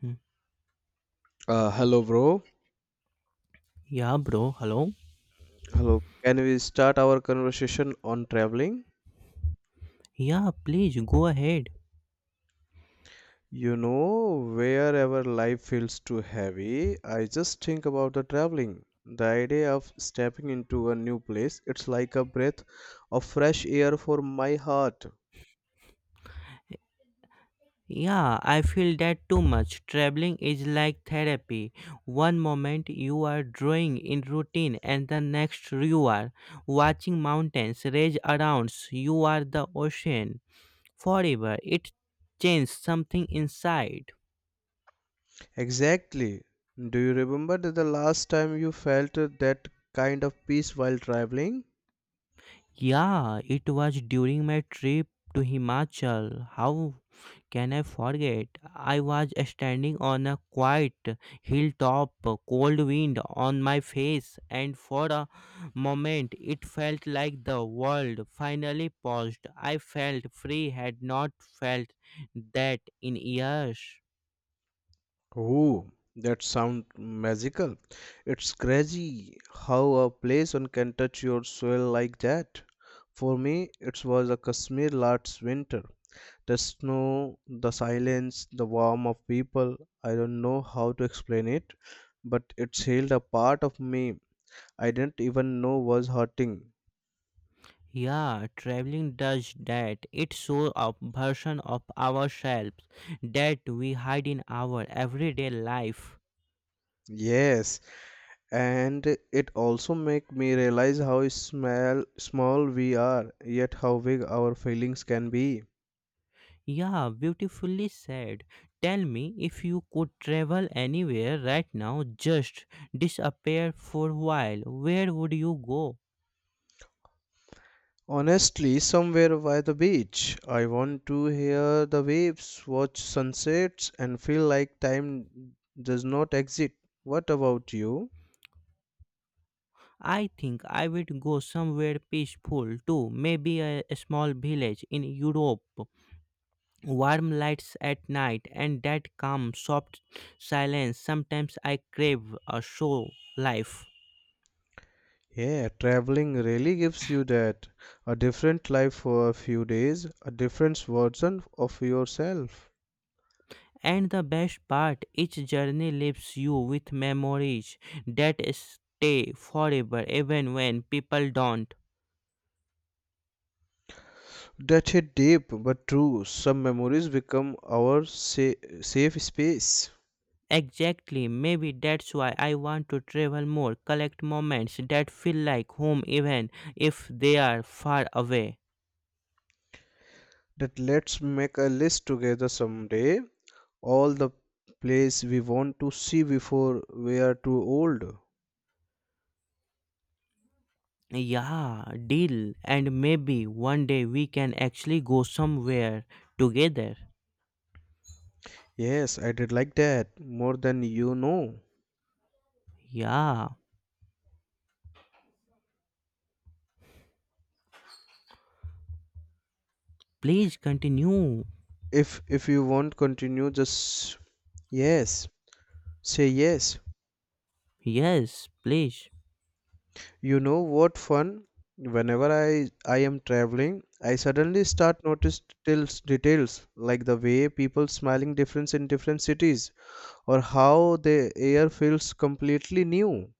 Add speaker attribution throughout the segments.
Speaker 1: Hmm.
Speaker 2: Hello, bro.
Speaker 1: Yeah, bro. Hello?
Speaker 2: Hello. Can we start our conversation on traveling?
Speaker 1: Yeah, please go ahead.
Speaker 2: Wherever life feels too heavy, I just think about the traveling. The idea of stepping into a new place, it's like a breath of fresh air for my heart.
Speaker 1: Yeah, I feel that too much. Traveling is like therapy. One moment you are drawing in routine, and the next you are watching mountains rage around. You are the ocean. Forever, it changes something inside.
Speaker 2: Exactly. Do you remember the last time you felt that kind of peace while traveling?
Speaker 1: Yeah, it was during my trip to Himachal. How can I forget? I was standing on a quiet hilltop, cold wind on my face, and for a moment it felt like the world finally paused. I felt free, had not felt that in years.
Speaker 2: Oh, that sound magical. It's crazy how a place one can touch your soul like that. For me, it was a Kashmir last winter. The snow, the silence, the warmth of people. I don't know how to explain it, but it healed a part of me I didn't even know was hurting.
Speaker 1: Yeah, traveling does that. It shows a version of ourselves that we hide in our everyday life.
Speaker 2: Yes, and it also make me realize how small small we are, yet how big our feelings can be.
Speaker 1: Yeah, beautifully said. Tell me, if you could travel anywhere right now, just disappear for a while, where would you go?
Speaker 2: Honestly, somewhere by the beach. I want to hear the waves, watch sunsets, and feel like time does not exist. What about you?
Speaker 1: I think I would go somewhere peaceful too, maybe a small village in Europe. Warm lights at night and that calm, soft silence. Sometimes I crave a show life.
Speaker 2: Yeah, traveling really gives you that. A different life for a few days, a different version of yourself.
Speaker 1: And the best part, each journey leaves you with memories that stay forever, even when people don't.
Speaker 2: That hit deep but true. Some memories become our safe space.
Speaker 1: Exactly, maybe that's why I want to travel more, collect moments that feel like home, even if they are far away.
Speaker 2: That let's make a list together someday all the place we want to see before we are too old.
Speaker 1: Yeah, deal. And maybe one day we can actually go somewhere together.
Speaker 2: Yes, I did like that more than you know.
Speaker 1: Yeah, please continue.
Speaker 2: If you want continue just yes, say yes.
Speaker 1: Yes, please.
Speaker 2: You know what fun? Whenever I am traveling, I suddenly start notice details like the way people smiling difference in different cities or how the air feels completely new.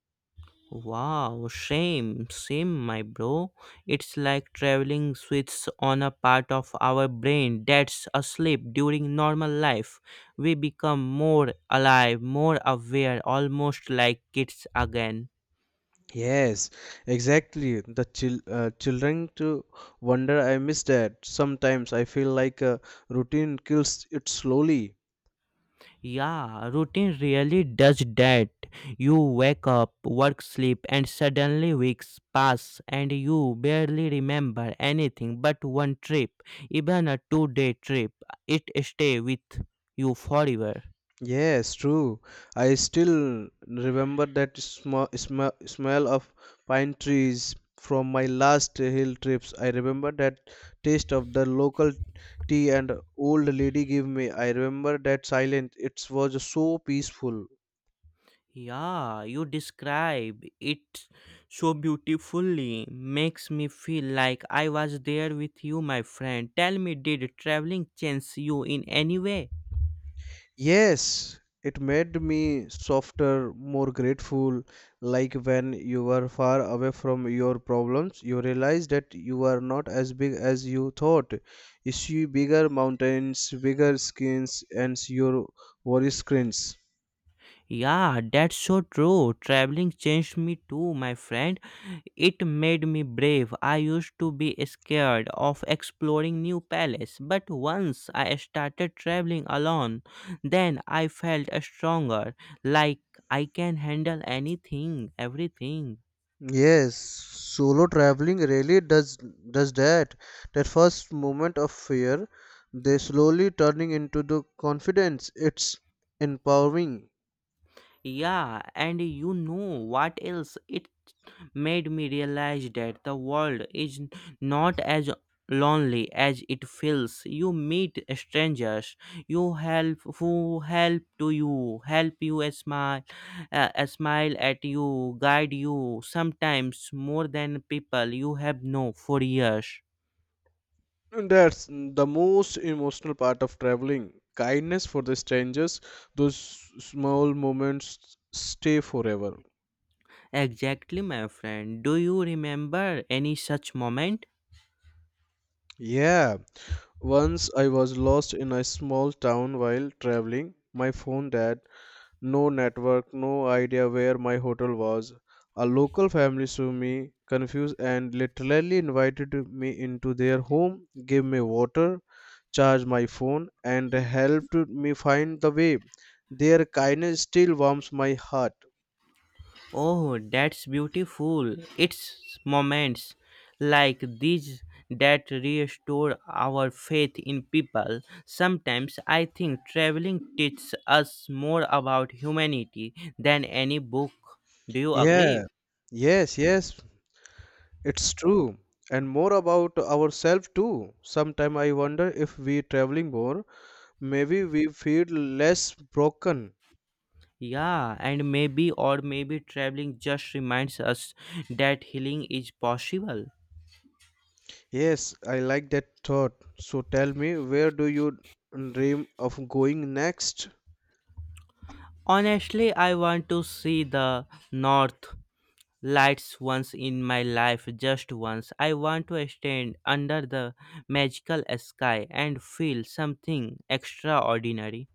Speaker 1: Wow, same, same, my bro. It's like traveling switches on a part of our brain that's asleep during normal life. We become more alive, more aware, almost like kids again.
Speaker 2: Yes, exactly. The children to wonder. I miss that. Sometimes I feel like routine kills it slowly.
Speaker 1: Yeah, routine really does that. You wake up, work, sleep, and suddenly weeks pass, and you barely remember anything but one trip, even a 2 day trip. It stays with you forever.
Speaker 2: Yes, true. I still remember that sm sm smell of pine trees from my last hill trips. I remember that taste of the local tea and old lady gave me. I remember that silence. It was so peaceful.
Speaker 1: Yeah, you describe it so beautifully. Makes me feel like I was there with you, my friend. Tell me, did traveling change you in any way?
Speaker 2: Yes, it made me softer, more grateful. Like when you were far away from your problems, you realize that you are not as big as you thought. You see bigger mountains, bigger skins, and your worry screens.
Speaker 1: Yeah, that's so true. Traveling changed me too, my friend. It made me brave. I used to be scared of exploring new palace, but once I started traveling alone, then I felt stronger, like I can handle anything, everything.
Speaker 2: Yes, solo traveling really does that. That first moment of fear, they slowly turning into the confidence. It's empowering.
Speaker 1: Yeah, and you know what else? It made me realize that the world is not as lonely as it feels. You meet strangers, you help who help to you, help you a smile at you, guide you. Sometimes more than people you have known for years.
Speaker 2: And that's the most emotional part of traveling. Kindness for the strangers, those small moments stay forever.
Speaker 1: Exactly, my friend. Do you remember any such moment?
Speaker 2: Yeah, once I was lost in a small town while traveling. My phone dead, no network, no idea where my hotel was. A local family saw me confused and literally invited me into their home, gave me water, charge my phone and helped me find the way. Their kindness still warms my heart.
Speaker 1: Oh, that's beautiful. It's moments like these that restore our faith in people. Sometimes I think traveling teaches us more about humanity than any book. Do you agree?
Speaker 2: Yeah, yes, yes, it's true. And more about ourselves too. Sometimes I wonder if we traveling more, maybe we feel less broken.
Speaker 1: Yeah, and maybe or maybe traveling just reminds us that healing is possible.
Speaker 2: Yes, I like that thought. So tell me, where do you dream of going next?
Speaker 1: Honestly, I want to see the north lights once in my life, just once. I want to stand under the magical sky and feel something extraordinary.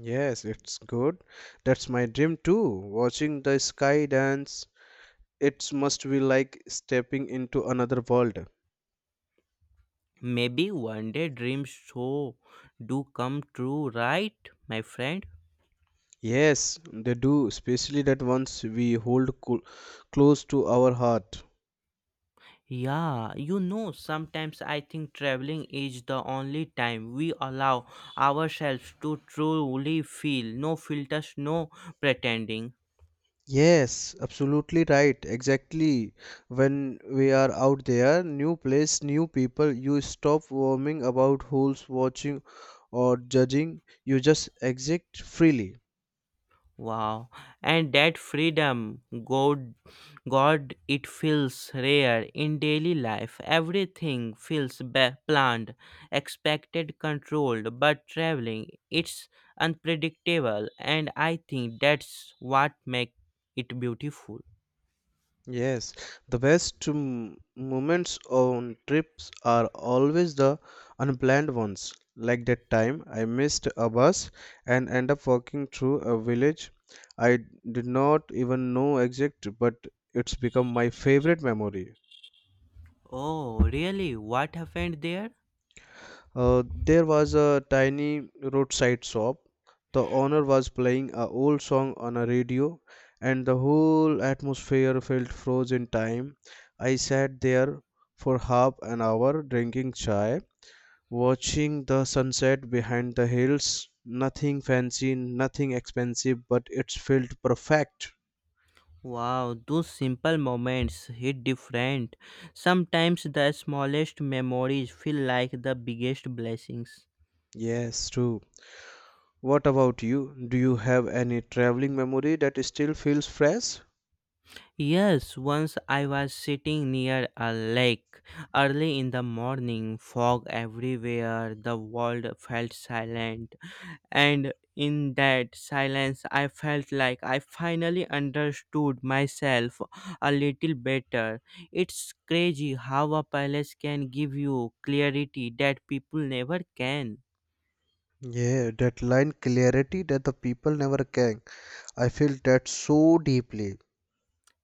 Speaker 2: Yes, it's good. That's my dream too. Watching the sky dance, it must be like stepping into another world.
Speaker 1: Maybe one day dreams so do come true, right, my friend?
Speaker 2: Yes, they do, especially that ones we hold close to our heart.
Speaker 1: Yeah, sometimes I think traveling is the only time we allow ourselves to truly feel. No filters, no pretending.
Speaker 2: Yes, absolutely right. Exactly. When we are out there, new place, new people, you stop worrying about who's watching or judging. You just exit freely.
Speaker 1: Wow. And that freedom, God, it feels rare in daily life. Everything feels planned, expected, controlled, but traveling, it's unpredictable. And I think that's what makes it beautiful.
Speaker 2: Yes, the best moments on trips are always the unplanned ones. Like that time I missed a bus and end up walking through a village I did not even know existed, but it's become my favorite memory.
Speaker 1: Oh, really? What happened there?
Speaker 2: There was a tiny roadside shop. The owner was playing a old song on a radio, and the whole atmosphere felt frozen in time. I sat there for half an hour drinking chai, watching the sunset behind the hills. Nothing fancy, nothing expensive, but it felt perfect.
Speaker 1: Wow, those simple moments hit different. Sometimes the smallest memories feel like the biggest blessings.
Speaker 2: Yes, true. What about you? Do you have any traveling memory that still feels fresh?
Speaker 1: Yes, once I was sitting near a lake early in the morning, fog everywhere, the world felt silent, and in that silence, I felt like I finally understood myself a little better. It's crazy how a palace can give you clarity that people never can.
Speaker 2: Yeah, that line clarity that the people never can. I feel that so deeply.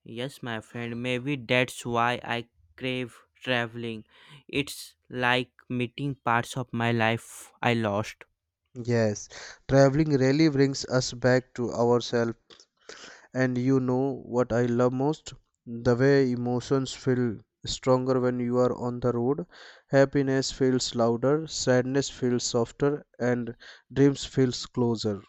Speaker 1: Yes, my friend, maybe that's why I crave traveling. It's like meeting parts of my life I lost.
Speaker 2: Yes, traveling really brings us back to ourselves. And you know what I love most? The way emotions feel stronger when you are on the road. Happiness feels louder, sadness feels softer, and dreams feels closer.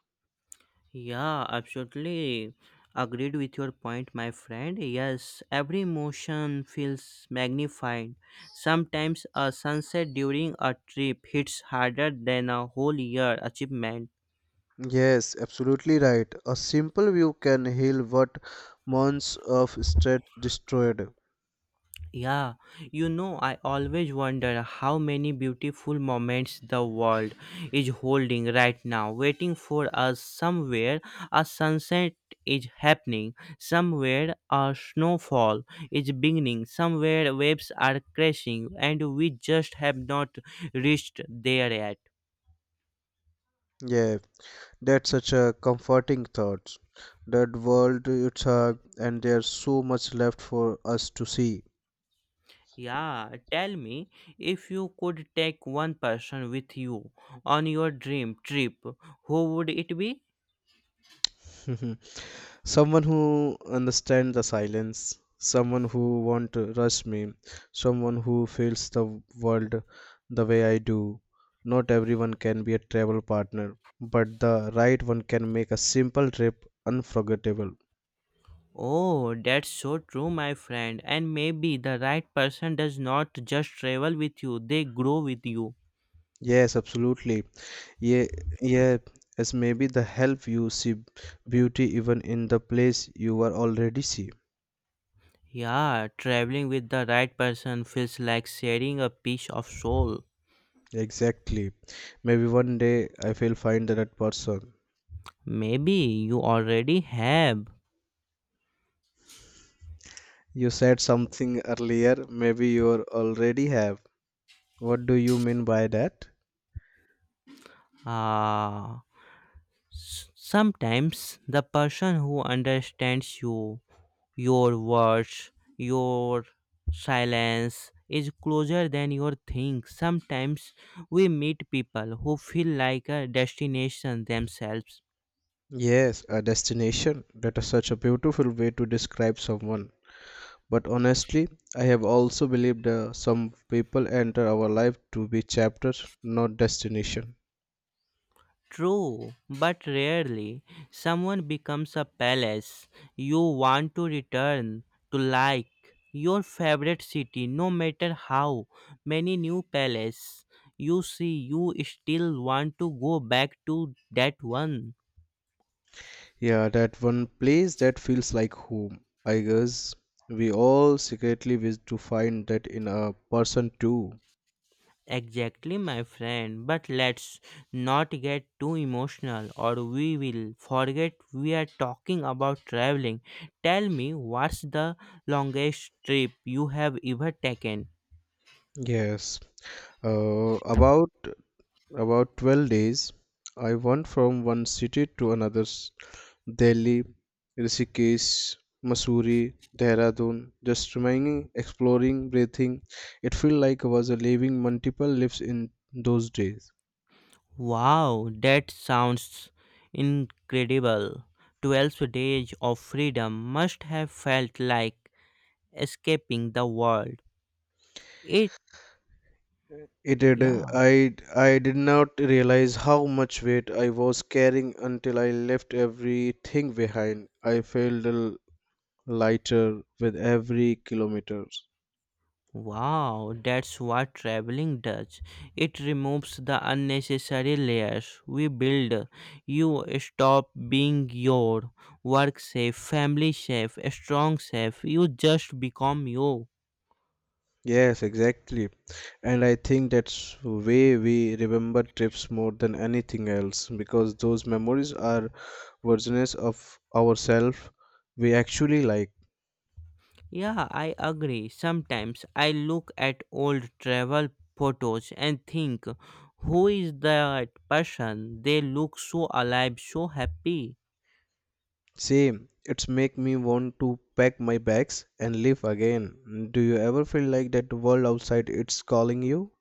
Speaker 1: Yeah, absolutely agreed with your point, my friend. Yes, every emotion feels magnified. Sometimes a sunset during a trip hits harder than a whole year achievement.
Speaker 2: Yes, absolutely right. A simple view can heal what months of stress destroyed.
Speaker 1: Yeah, I always wonder how many beautiful moments the world is holding right now, waiting for us somewhere. A sunset is happening, somewhere a snowfall is beginning, somewhere waves are crashing, and we just have not reached there yet.
Speaker 2: Yeah, that's such a comforting thought. That world it's a, and there's so much left for us to see.
Speaker 1: Yeah, tell me, if you could take one person with you on your dream trip, who would it be?
Speaker 2: Someone who understands the silence, someone who won't rush me, someone who feels the world the way I do. Not everyone can be a travel partner, but the right one can make a simple trip unforgettable.
Speaker 1: Oh, that's so true, my friend. And maybe the right person does not just travel with you, they grow with you.
Speaker 2: Yes, absolutely. Yeah, yeah, as maybe the help you see beauty even in the place you are already see.
Speaker 1: Yeah, traveling with the right person feels like sharing a piece of soul.
Speaker 2: Exactly. Maybe one day I will find that person.
Speaker 1: Maybe you already have.
Speaker 2: You said something earlier, maybe you are already have. What do you mean by that?
Speaker 1: Ah, sometimes the person who understands you. Your words, your silence is closer than your think. Sometimes we meet people who feel like a destination themselves.
Speaker 2: Yes, a destination. That is such a beautiful way to describe someone. But honestly, I have also believed some people enter our life to be chapters, not destination.
Speaker 1: True, but rarely someone becomes a palace you want to return to, like your favorite city. No matter how many new palaces you see, you still want to go back to that one.
Speaker 2: Yeah, that one place that feels like home. I guess we all secretly wish to find that in a person too.
Speaker 1: Exactly, my friend. But let's not get too emotional, or we will forget we are talking about traveling. Tell me, what's the longest trip you have ever taken?
Speaker 2: Yes. Uh, about about 12 days, I went from one city to another. Delhi, Rishikesh, Mussoorie, Dehradun, just remaining, exploring, breathing. It felt like I was living multiple lives in those days.
Speaker 1: Wow, that sounds incredible. 12 days of freedom must have felt like escaping the world. It,
Speaker 2: It did.
Speaker 1: yeah.
Speaker 2: I did not realize how much weight I was carrying until I left everything behind. I felt lighter with every kilometer.
Speaker 1: Wow, that's what traveling does. It removes the unnecessary layers we build. You stop being your work safe, family safe, strong safe. You just become you.
Speaker 2: Yes, exactly. And I think that's way we remember trips more than anything else because those memories are versions of ourselves we actually like.
Speaker 1: Yeah, I agree. Sometimes I look at old travel photos and think, who is that person? They look so alive, so happy.
Speaker 2: Same, it's make me want to pack my bags and leave again. Do you ever feel like that the world outside it's calling you?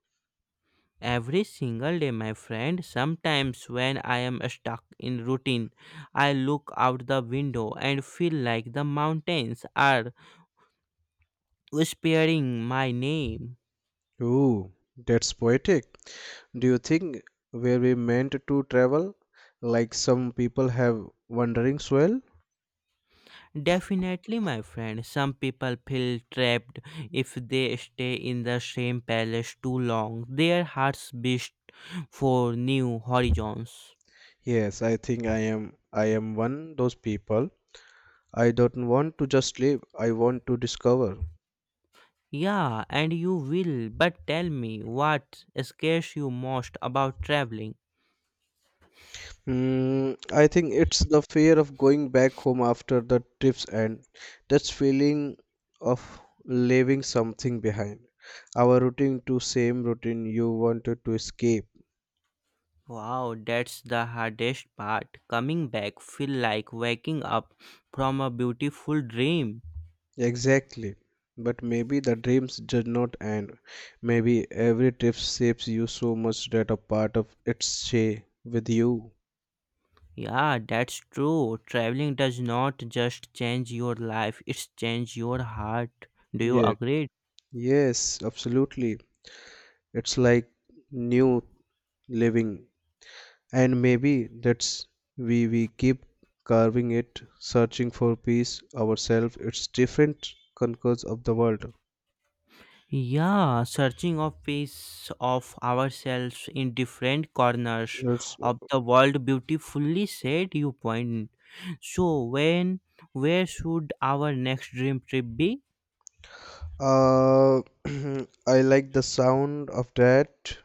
Speaker 1: Every single day, my friend. Sometimes when I am stuck in routine, I look out the window and feel like the mountains are whispering my name.
Speaker 2: Ooh, that's poetic. Do you think were we meant to travel like some people have wandering soul?
Speaker 1: Definitely, my friend, some people feel trapped if they stay in the same palace too long. Their hearts beat for new horizons.
Speaker 2: Yes, I think I am one those people. I don't want to just live, I want to discover.
Speaker 1: Yeah, and you will, but tell me, what scares you most about traveling?
Speaker 2: I think it's the fear of going back home after the trips end. That feeling of leaving something behind. Our routine to same routine you wanted to escape.
Speaker 1: Wow, that's the hardest part. Coming back feel like waking up from a beautiful dream.
Speaker 2: Exactly. But maybe the dreams did not end. Maybe every trip shapes you so much that a part of it stay with you.
Speaker 1: Yeah, that's true. Traveling does not just change your life, it's change your heart. Do you
Speaker 2: Yeah.
Speaker 1: agree?
Speaker 2: Yes, absolutely. It's like new living. And maybe that's we keep carving it searching for peace ourselves it's different conquers of the world.
Speaker 1: Yeah, searching of piece of ourselves in different corners
Speaker 2: It's
Speaker 1: of the world, beautifully said you point. So when where should our next dream trip be?
Speaker 2: uh I like the sound of that.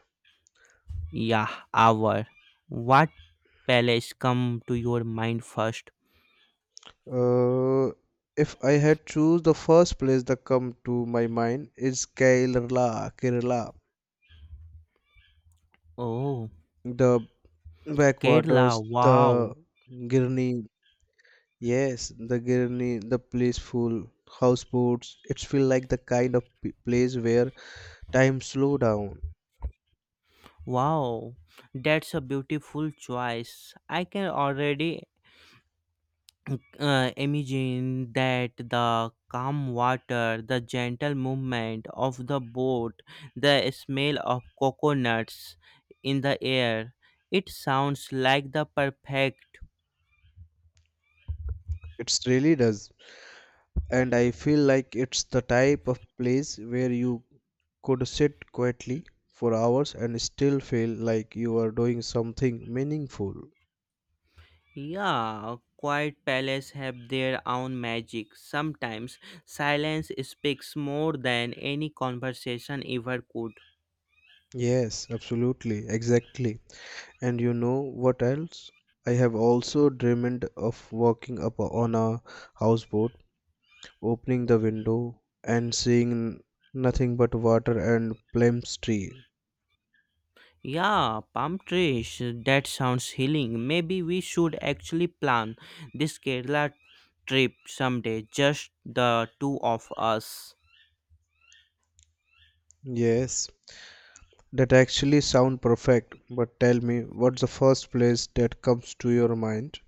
Speaker 1: Yeah, our. What palace come to your mind first?
Speaker 2: uh if I had choose the first place that come to my mind is Kerala. Kerala,
Speaker 1: Oh,
Speaker 2: the
Speaker 1: Kerala.
Speaker 2: backwaters, the
Speaker 1: Wow.
Speaker 2: Girni. Yes, the Girni, the blissful houseboats. It's feel like the kind of place where time slow down.
Speaker 1: Wow. That's a beautiful choice. I can already imagine that the calm water, the gentle movement of the boat, the smell of coconuts in the air. It sounds like the perfect.
Speaker 2: It really does, and I feel like it's the type of place where you could sit quietly for hours and still feel like you are doing something meaningful.
Speaker 1: Yeah, quiet palaces have their own magic. Sometimes silence speaks more than any conversation ever could.
Speaker 2: Yes, absolutely, exactly. And you know what else? I have also dreamed of walking up on a houseboat opening the window and seeing nothing but water and plums tree.
Speaker 1: Yeah, palm trees, that sounds healing. Maybe we should actually plan this Kerala trip someday, just the two of us.
Speaker 2: Yes, that actually sound perfect, but tell me what's the first place that comes to your mind?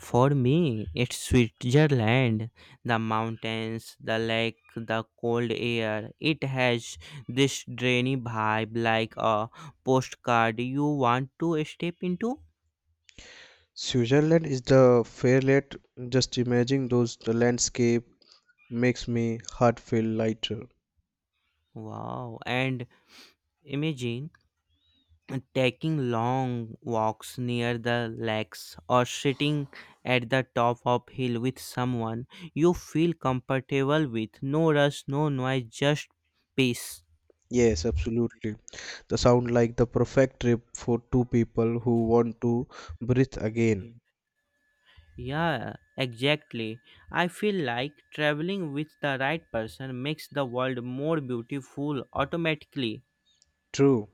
Speaker 1: For me, it's Switzerland. The mountains, the lake, the cold air. It has this dreamy vibe like a postcard you want to step into.
Speaker 2: Switzerland is the fairlight. Just imagining those the landscape makes me heart feel lighter.
Speaker 1: Wow. And imagine taking long walks near the lakes or sitting at the top of hill with someone you feel comfortable with. No rush, no noise, just peace.
Speaker 2: Yes, absolutely. The sound like the perfect trip for two people who want to breathe again.
Speaker 1: Yeah, exactly. I feel like traveling with the right person makes the world more beautiful automatically.
Speaker 2: True.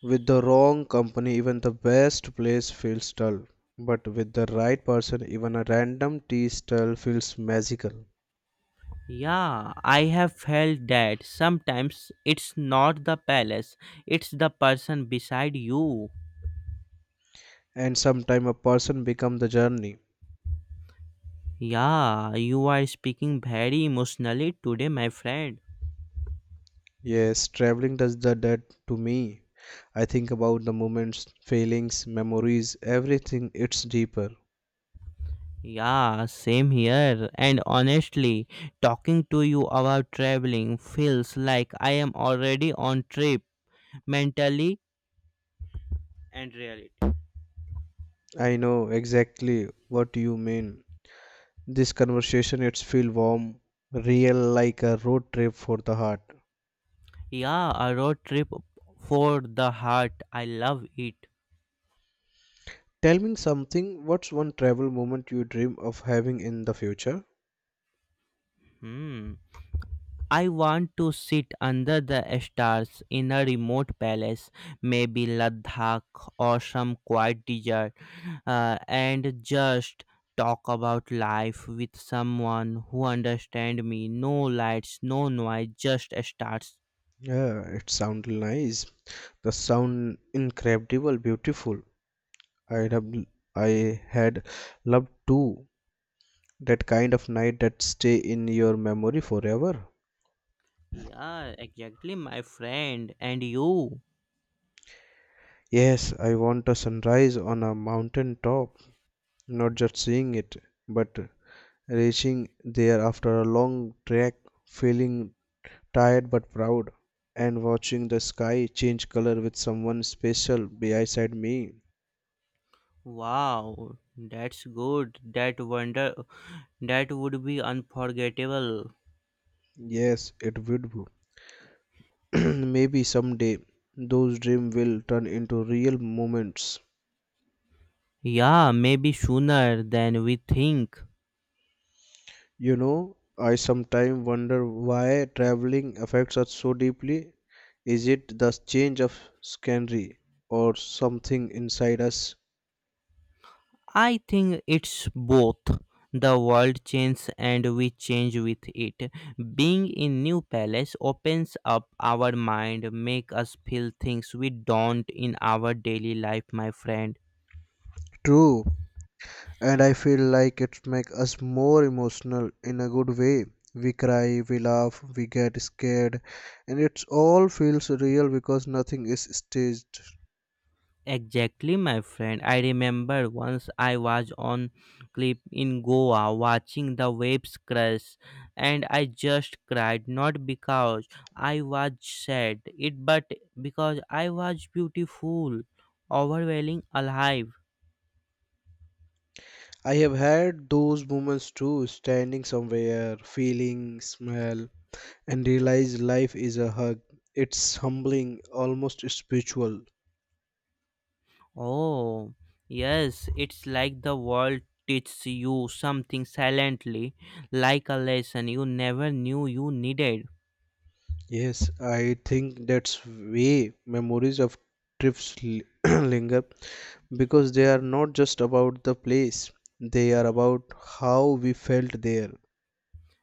Speaker 2: With the wrong company, even the best place feels dull. But with the right person, even a random tea stall feels magical.
Speaker 1: Yeah, I have felt that sometimes it's not the palace, it's the person beside you.
Speaker 2: And sometime a person becomes the journey.
Speaker 1: Yeah, you are speaking very emotionally today, my friend.
Speaker 2: Yes, traveling does the that to me. I think about the moments, feelings, memories, everything. It's deeper.
Speaker 1: Yeah, same here. And honestly, talking to you about traveling feels like I am already on trip mentally and really.
Speaker 2: I know exactly what you mean. This conversation it's feel warm, real like a road trip for the heart.
Speaker 1: Yeah, a road trip for the heart. I love it.
Speaker 2: Tell me something, what's one travel moment you dream of having in the future?
Speaker 1: Hmm. I want to sit under the stars in a remote palace, maybe Ladakh or some quiet desert, and just talk about life with someone who understands me. No lights, no noise, just stars.
Speaker 2: Yeah, it sounds nice. The sound incredible, beautiful. I'd have I had loved to that kind of night that stay in your memory forever.
Speaker 1: Yeah, exactly, my friend. And you.
Speaker 2: Yes, I want a sunrise on a mountain top, not just seeing it, but reaching there after a long trek, feeling tired but proud, and watching the sky change color with someone special beside me.
Speaker 1: Wow, that's good. That would be unforgettable.
Speaker 2: Yes, it would. be. Maybe someday those dreams will turn into real moments.
Speaker 1: Yeah, maybe sooner than we think.
Speaker 2: I sometimes wonder why traveling affects us so deeply. Is it the change of scenery or something inside us?
Speaker 1: I think it's both. The world changes and we change with it. Being in new palace opens up our mind, make us feel things we don't in our daily life, my friend.
Speaker 2: True, and I feel like it makes us more emotional in a good way. We cry, we laugh, we get scared, and it all feels real because nothing is staged.
Speaker 1: Exactly, my friend. I remember once I was on cliff in Goa watching the waves crash, and I just cried, not because I was sad, it but because I was beautiful, overwhelming, alive.
Speaker 2: I have had those moments too, standing somewhere, feeling, smell, and realize life is a hug. It's humbling, almost spiritual.
Speaker 1: Oh, yes, it's like the world teaches you something silently, like a lesson you never knew you needed.
Speaker 2: Yes, I think that's way memories of trips linger because they are not just about the place, they are about how we felt there.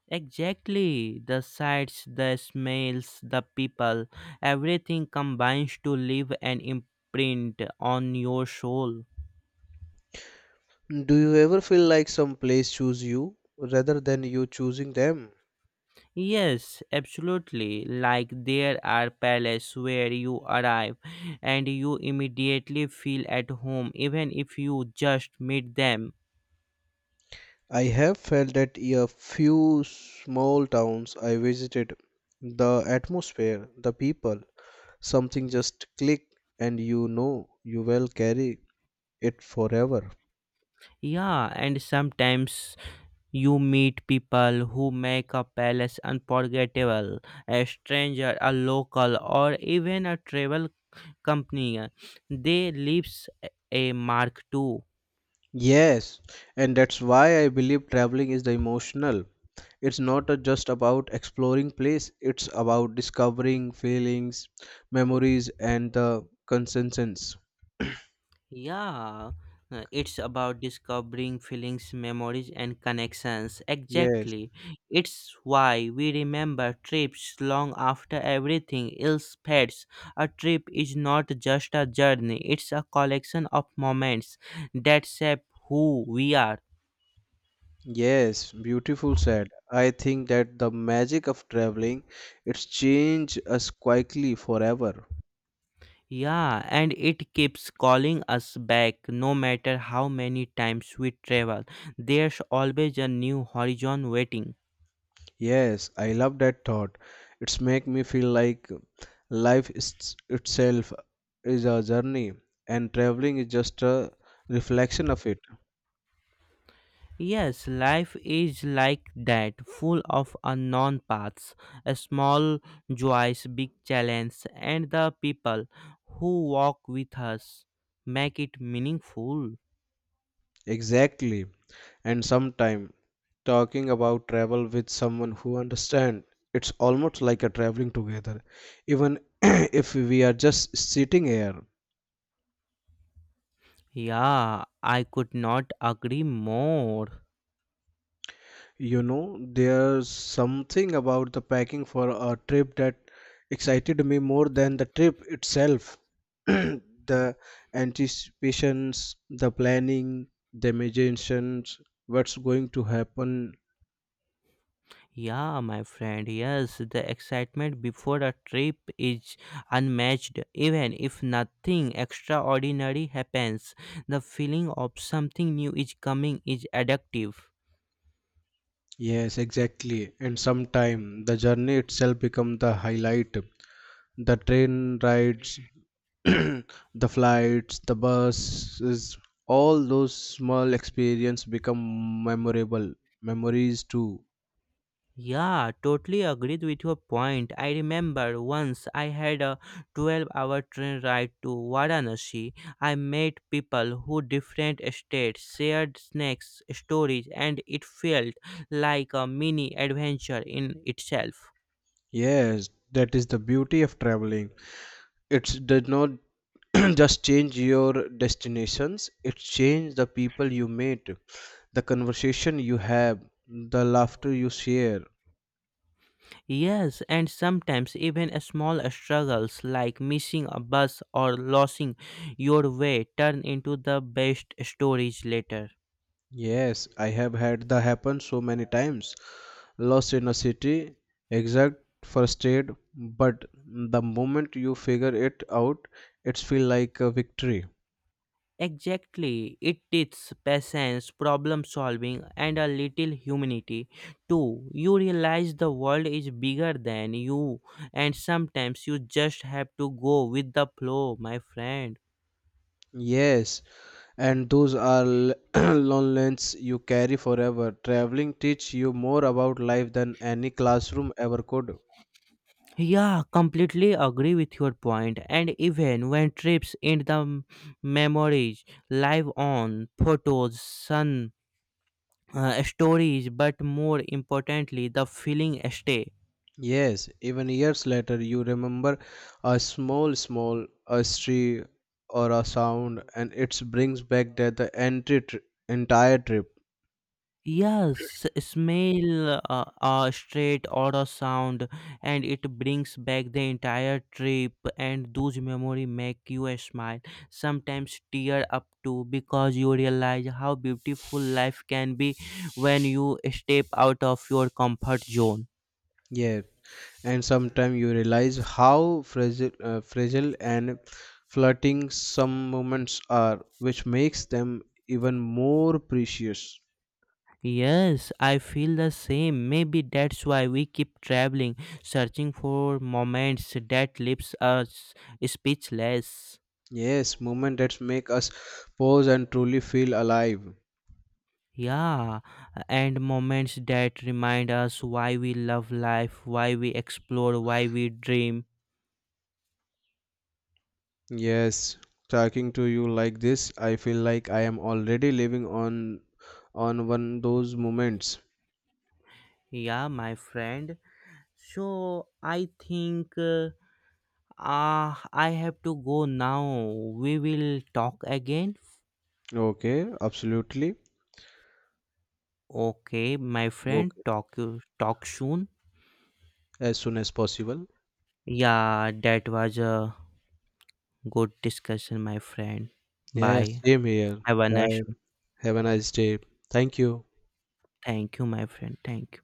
Speaker 1: Exactly. The sights, the smells, the people, everything combines to leave an imprint on your soul.
Speaker 2: Do you ever feel like some place choose you rather than you choosing them?
Speaker 1: Yes, absolutely. Like there are palaces where you arrive and you immediately feel at home even if you just meet them.
Speaker 2: I have felt that in a few small towns I visited, the atmosphere, the people, something just click and you know you will carry it forever.
Speaker 1: Yeah, and sometimes you meet people who make a palace unforgettable. A stranger, a local, or even a travel company, they leaves a mark too.
Speaker 2: Yes, and that's why I believe traveling is the emotional. It's not just about exploring place, it's about discovering feelings, memories and the consensus.
Speaker 1: Yeah, it's about discovering feelings, memories and connections.
Speaker 2: Yes.
Speaker 1: Exactly, it's why we remember trips long after everything else fades. A trip is not just a journey, it's a collection of moments that shape who we are.
Speaker 2: Yes, beautiful said. I think that the magic of traveling it's changed us quietly forever.
Speaker 1: Yeah, and it keeps calling us back no matter how many times we travel. There's always a new horizon waiting.
Speaker 2: Yes, I love that thought. It's make me feel like life is, itself is a journey and traveling is just a reflection of it.
Speaker 1: Yes, life is like that, full of unknown paths, a small joys, big challenges, and the people who walk with us make it meaningful.
Speaker 2: Exactly. And sometime talking about travel with someone who understands it's almost like a traveling together, even if we are just sitting here.
Speaker 1: Yeah, I could not agree more.
Speaker 2: There's something about the packing for a trip that excited me more than the trip itself. The anticipations, the planning, the imaginations, what's going to happen.
Speaker 1: Yeah, my friend, yes, the excitement before a trip is unmatched. Even if nothing extraordinary happens, the feeling of something new is coming is addictive.
Speaker 2: Yes, exactly. And sometime the journey itself become the highlight. The train rides, the flights, the buses, all those small experience become memorable memories too.
Speaker 1: Yeah, totally agreed with your point. I remember once I had a 12-hour train ride to Varanasi. I met people who different states, shared snacks, stories, and it felt like a mini adventure in itself.
Speaker 2: Yes, that is the beauty of traveling. It does not just change your destinations, it changes the people you meet, the conversation you have, the laughter you share.
Speaker 1: Yes, and sometimes even a small struggles like missing a bus or losing your way turn into the best stories later.
Speaker 2: Yes, I have had that happen so many times. Lost in a city, exact frustrated, but the moment you figure it out, it's feel like a victory.
Speaker 1: Exactly, it teaches patience, problem solving, and a little humanity too. You realize the world is bigger than you, and sometimes you just have to go with the flow, my friend.
Speaker 2: Yes, and those are lessons you carry forever. Traveling teach you more about life than any classroom ever could.
Speaker 1: Yeah, completely agree with your point. And even when trips in the memories live on photos, sun, stories, but more importantly, the feeling stay.
Speaker 2: Yes, even years later, you remember a small a street or a sound, and it brings back that the entry entire trip.
Speaker 1: Yes, smell a straight or a sound, and it brings back the entire trip. And those memories make you smile, sometimes tear up too, because you realize how beautiful life can be when you step out of your comfort zone.
Speaker 2: Yeah, and sometimes you realize how fragile and flirting some moments are, which makes them even more precious.
Speaker 1: Yes, I feel the same. Maybe that's why we keep traveling, searching for moments that leaves us speechless.
Speaker 2: Yes, moment that make us pause and truly feel alive.
Speaker 1: Yeah, and moments that remind us why we love life, why we explore, why we dream.
Speaker 2: Yes, talking to you like this, I feel like I am already living on one those moments.
Speaker 1: Yeah, my friend. So I think I have to go now. We will talk again.
Speaker 2: Okay, absolutely.
Speaker 1: Okay, my friend.
Speaker 2: Okay,
Speaker 1: Talk you talk soon.
Speaker 2: as soon as possible.
Speaker 1: Yeah, that was a good discussion, my friend.
Speaker 2: Yes,
Speaker 1: Bye.
Speaker 2: same here.
Speaker 1: Have a nice
Speaker 2: Bye.
Speaker 1: day.
Speaker 2: Have a nice day. Thank you.
Speaker 1: Thank you, my friend. Thank you.